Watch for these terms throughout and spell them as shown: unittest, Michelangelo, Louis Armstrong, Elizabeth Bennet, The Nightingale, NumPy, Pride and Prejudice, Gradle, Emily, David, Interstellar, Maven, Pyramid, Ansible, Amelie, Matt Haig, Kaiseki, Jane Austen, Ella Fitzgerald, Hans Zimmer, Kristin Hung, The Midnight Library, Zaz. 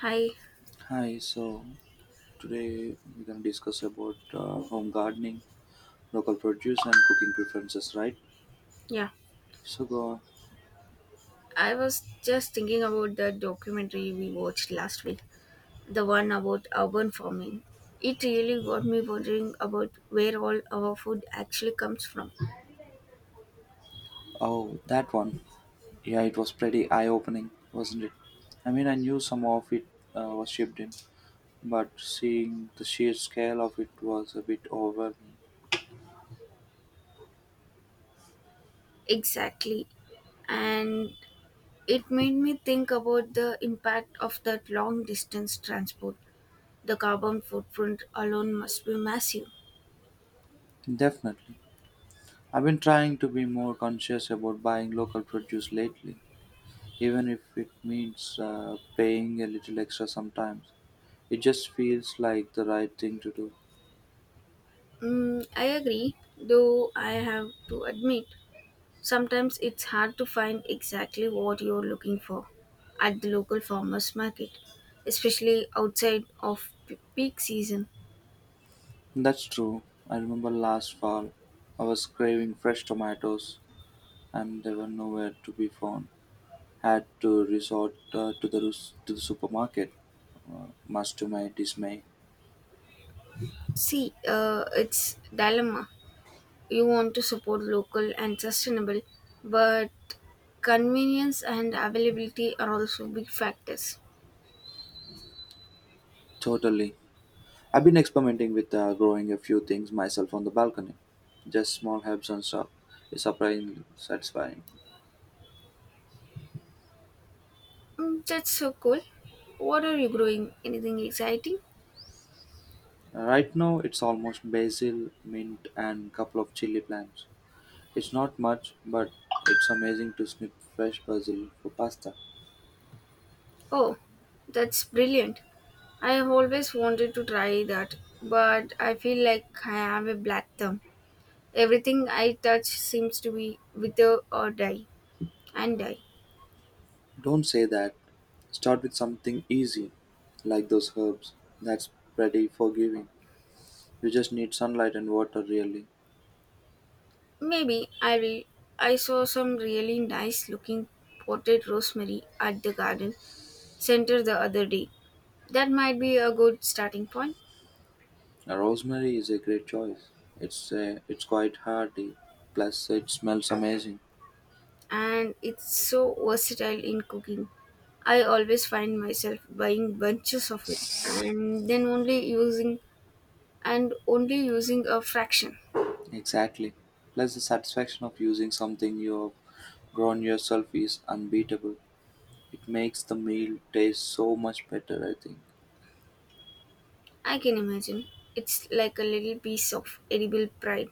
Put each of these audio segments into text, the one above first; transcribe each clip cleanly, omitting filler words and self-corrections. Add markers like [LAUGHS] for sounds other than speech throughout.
Hi. Hi, so today we're going to discuss about home gardening, local produce, and cooking preferences, right? Yeah. So go on. I was just thinking about the documentary we watched last week, the one about urban farming. It really got me wondering about where all our food actually comes from. Oh, that one. Yeah, it was pretty eye opening, wasn't it? I mean, I knew some of it was shipped in, but seeing the sheer scale of it was a bit overwhelming. Exactly. And it made me think about the impact of that long distance transport. The carbon footprint alone must be massive. Definitely. I've been trying to be more conscious about buying local produce lately, even if it means paying a little extra sometimes. It just feels like the right thing to do. Mm, I agree, though I have to admit sometimes it's hard to find exactly what you're looking for at the local farmers market, especially outside of peak season. That's true. I remember last fall, I was craving fresh tomatoes, and they were nowhere to be found. Had to resort to the supermarket. Much to my dismay. See, it's dilemma. You want to support local and sustainable, but convenience and availability are also big factors. Totally. I've been experimenting with growing a few things myself on the balcony. Just small herbs and stuff. It's surprisingly satisfying. Mm, that's so cool. What are you growing? Anything exciting? Right now, it's almost basil, mint, and couple of chili plants. It's not much, but it's amazing to snip fresh basil for pasta. Oh, that's brilliant. I have always wanted to try that, but I feel like I have a black thumb. Everything I touch seems to be wither or die and die. Don't say that. Start with something easy, like those herbs. That's pretty forgiving. You just need sunlight and water, really. Maybe I will. I saw some really nice looking potted rosemary at the garden center the other day. That might be a good starting point, Now, Rosemary is a great choice. It's quite hearty. Plus, it smells amazing. and it's so versatile in cooking. I always find myself buying bunches of it and then only using and only using a fraction. Exactly. Plus, the satisfaction of using something you have grown yourself is unbeatable. It makes the meal taste so much better, I think. I can imagine. It's like a little piece of edible pride.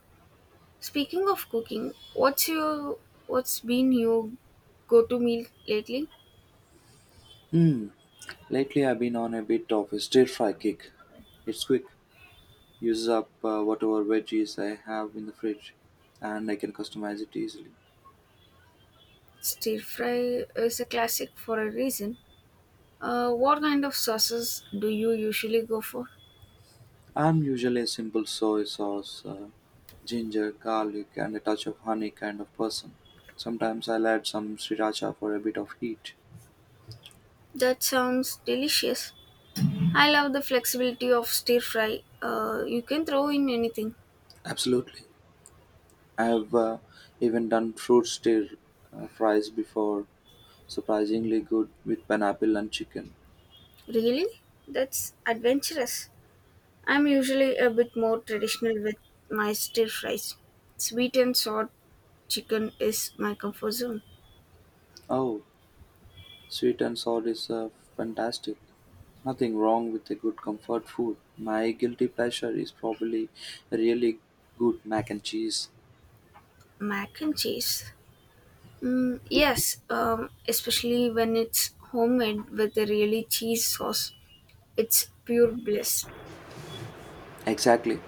Speaking of cooking, what's been your go-to meal lately? Hmm. Lately I've been on a bit of a stir-fry kick. It's quick, uses up whatever veggies I have in the fridge, and I can customize it easily. Stir fry is a classic for a reason. What kind of sauces do you usually go for? I'm usually a simple soy sauce, ginger, garlic, and a touch of honey kind of person. Sometimes I'll add some sriracha for a bit of heat. That sounds delicious. I love the flexibility of stir fry. You can throw in anything. Absolutely. I have even done fruit stir fries before, surprisingly good with pineapple and chicken. Really? That's adventurous. I'm usually a bit more traditional with my stir fries. Sweet and sour chicken is my comfort zone. Oh, Sweet and sour is fantastic. Nothing wrong with a good comfort food. My guilty pleasure is probably really good mac and cheese. Mac and cheese. Mm, yes, especially when it's homemade with a really cheese sauce. It's pure bliss. Exactly.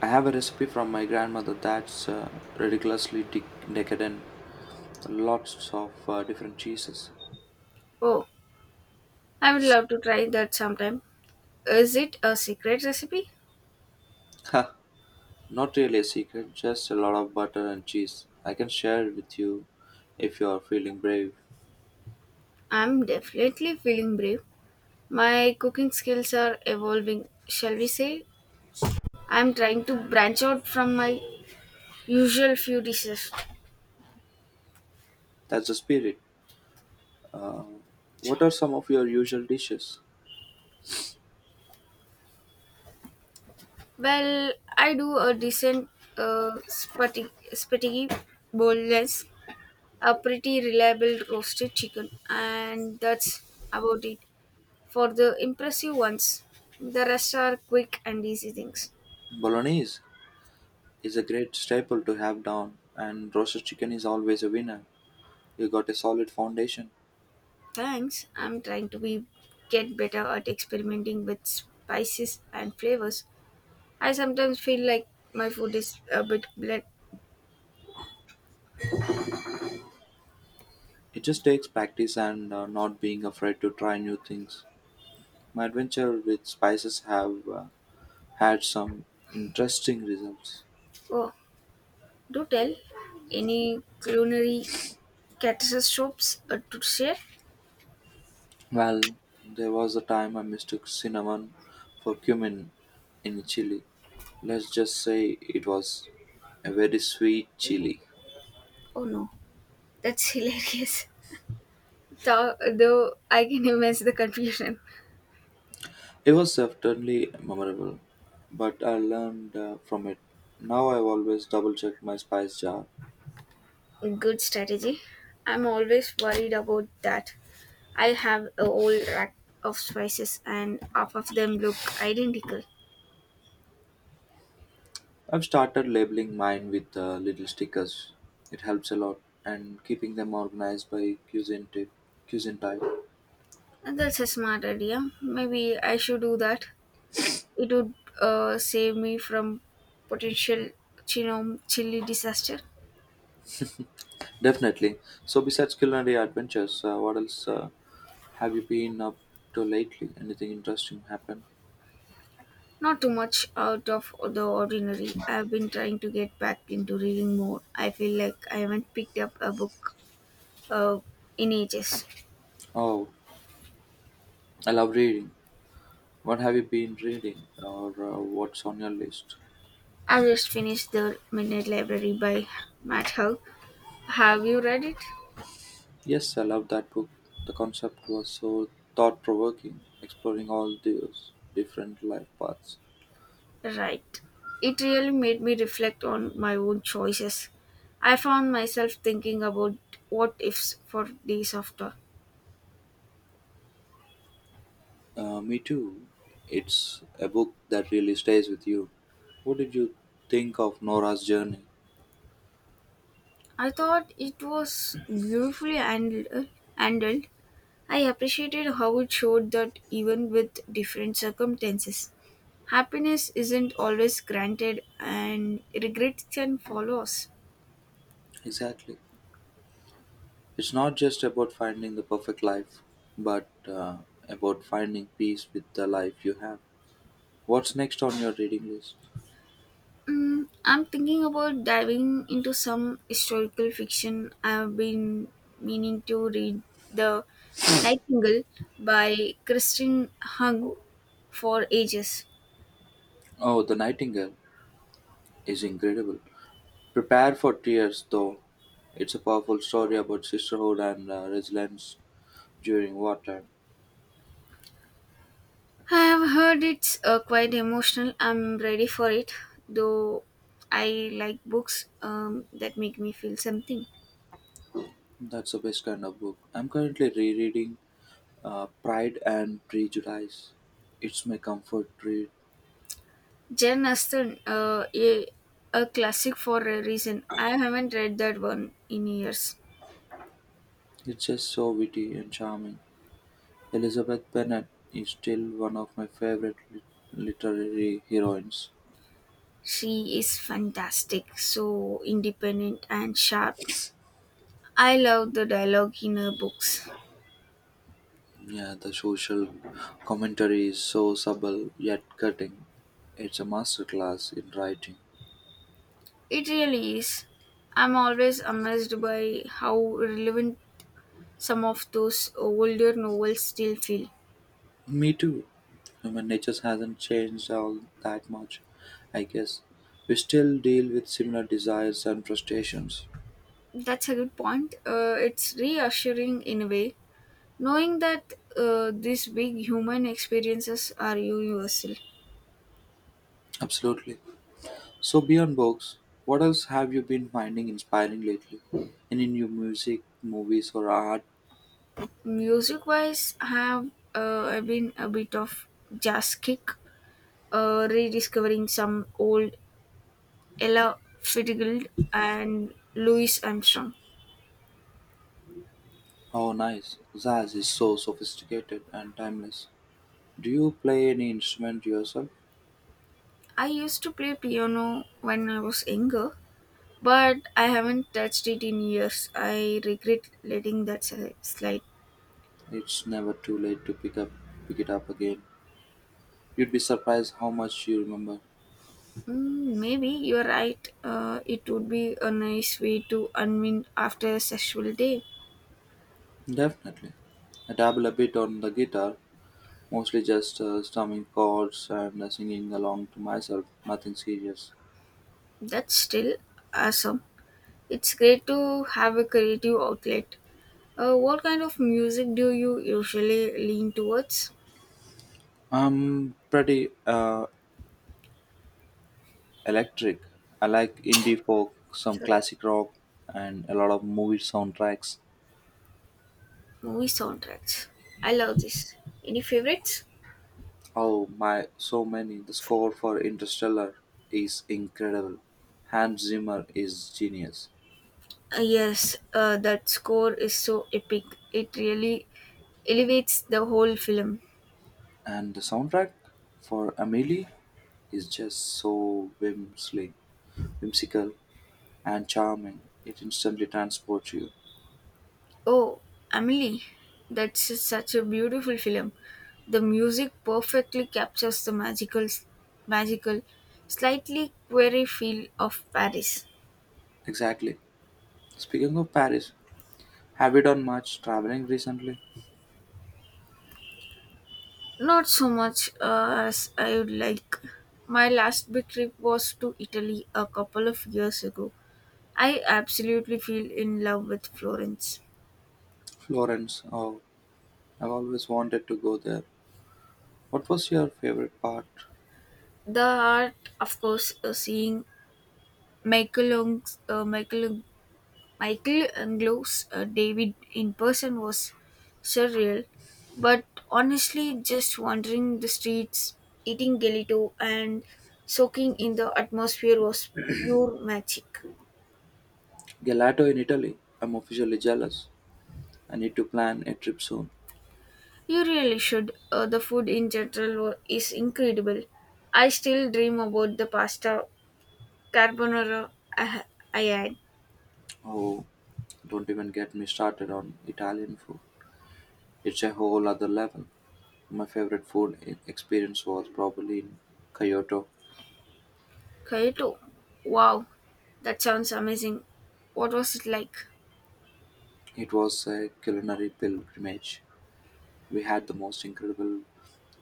I have a recipe from my grandmother that's ridiculously de- decadent. Lots of different cheeses. Oh, I would love to try that sometime. Is it a secret recipe? Ha! Not really a secret, just a lot of butter and cheese. I can share it with you if you are feeling brave. I'm definitely feeling brave. My cooking skills are evolving, shall we say? I'm trying to branch out from my usual few dishes. That's the spirit. What are some of your usual dishes? Well, I do a decent uh, spaghetti, spaghetti bolognese, a pretty reliable roasted chicken, and that's about it for the impressive ones. The rest are quick and easy things. Bolognese is a great staple to have down, and roasted chicken is always a winner. You got a solid foundation. Thanks. I'm trying to be get better at experimenting with spices and flavors. I sometimes feel like my food is a bit bland. It just takes practice and not being afraid to try new things. My adventure with spices have had some interesting results. Oh, do tell. Any culinary catastrophes to share? Well, there was a time I mistook cinnamon for cumin in chili. Let's just say it was a very sweet chili. Oh no. That's [LAUGHS] hilarious. Though I can imagine the confusion. It was certainly memorable, but I learned from it. Now I always double check my spice jar. Good strategy. I'm always worried about that. I have a whole rack of spices and half of them look identical. I've started labeling mine with little stickers. It helps a lot, and keeping them organized by cuisine type. And that's a smart idea. Maybe I should do that. It would save me from potential chili disaster. Definitely. So besides culinary adventures, what else have you been up to lately? Anything interesting happened? Not too much out of the ordinary. I've been trying to get back into reading more. I feel like I haven't picked up a book uh, in ages. Oh, I love reading. What have you been reading, or what's on your list? I just finished The Midnight Library by Matt Haig. Have you read it? Yes, I love that book. The concept was so thought provoking, exploring all those different life paths. Right. It really made me reflect on my own choices. I found myself thinking about what ifs for days after. Me too. It's a book that really stays with you. What did you think of Nora's journey? I thought it was beautifully handled. I appreciated how it showed that even with different circumstances, happiness isn't always granted and regrets can follow us. Exactly. It's not just about finding the perfect life, but about finding peace with the life you have. What's next on your reading list? Mm, I'm thinking about diving into some historical fiction. I've been meaning to read The Nightingale by Kristin Hung for ages. Oh, The Nightingale is incredible. Prepare for tears, though; it's a powerful story about sisterhood and resilience during wartime. I have heard it's quite emotional. I'm ready for it, though I like books that make me feel something. That's the best kind of book. I'm currently rereading Pride and Prejudice. It's my comfort read. Jane Austen, a classic for a reason. I haven't read that one in years. It's just so witty and charming. Elizabeth Bennet is still one of my favorite literary heroines. She is fantastic, so independent and sharp. I love the dialogue in her books. Yeah, the social commentary is so subtle yet cutting. It's a masterclass in writing. It really is. I'm always amazed by how relevant some of those older novels still feel. Me too. Human nature hasn't changed all that much, I guess. We still deal with similar desires and frustrations. That's a good point. It's reassuring in a way, knowing that these big human experiences are universal. Absolutely. So, beyond books, what else have you been finding inspiring lately? Any new music, movies, or art? Music wise, I've been a bit of jazz kick, rediscovering some old Ella Fitzgerald, and Louis Armstrong. Oh, nice. Zaz is so sophisticated and timeless. Do you play any instrument yourself? I used to play piano when I was younger, but I haven't touched it in years. I regret letting that slide. It's never too late to pick it up again. You'd be surprised how much you remember. Mm, maybe you're right. It would be a nice way to unwind after a sexual day. Definitely. I dabble a bit on the guitar, mostly just strumming chords and singing along to myself, nothing serious. That's still awesome. It's great to have a creative outlet. What kind of music do you usually lean towards? I'm pretty electric. I like indie folk, some Sorry. classic rock, and a lot of movie soundtracks. Movie soundtracks. I love this. Any favorites? Oh my, so many. The score for Interstellar is incredible. Hans Zimmer is genius. Yes, that score is so epic. It really elevates the whole film. And the soundtrack for Amelie is just so whimsical and charming. It instantly transports you. Oh, Emily, that's just such a beautiful film. The music perfectly captures the magical, slightly queer feel of Paris. Exactly. Speaking of Paris, have you done much traveling recently? Not so much as I would like. My last big trip was to Italy a couple of years ago. I absolutely feel in love with Florence. Florence, oh, I've always wanted to go there. What was your favorite part? The art, of course, seeing Michelangelo's, uh, Michel- Michelangelo's David in person was surreal. But honestly, just wandering the streets, eating gelato, and soaking in the atmosphere was pure magic. Gelato in Italy. I'm officially jealous. I need to plan a trip soon. You really should. The food in general is incredible. I still dream about the pasta carbonara I, ha- I had. Oh, don't even get me started on Italian food. It's a whole other level. My favorite experience was probably in Kyoto. Kyoto. Wow, that sounds amazing. What was it like? It was a culinary pilgrimage. We had the most incredible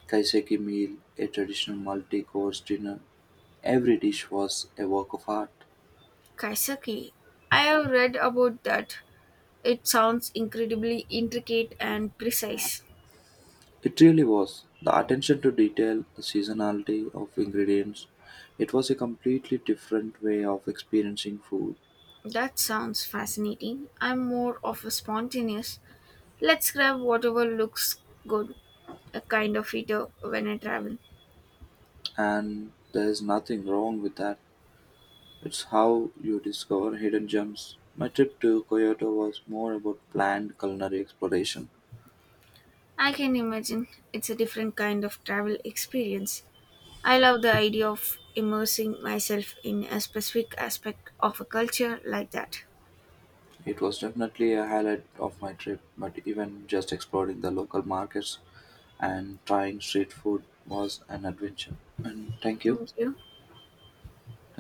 kaiseki meal, a traditional multi-course dinner. Every dish was a work of art. Kaiseki. I have read about that. It sounds incredibly intricate and precise. It really was. The attention to detail, the seasonality of ingredients, it was a completely different way of experiencing food. That sounds fascinating. I'm more of a spontaneous. Let's grab whatever looks good, a kind of eater when I travel. And there's nothing wrong with that. It's how you discover hidden gems. My trip to Kyoto was more about planned culinary exploration. I can imagine it's a different kind of travel experience. I love the idea of immersing myself in a specific aspect of a culture like that. It was definitely a highlight of my trip, but even just exploring the local markets and trying street food was an adventure. And thank you. Thank you.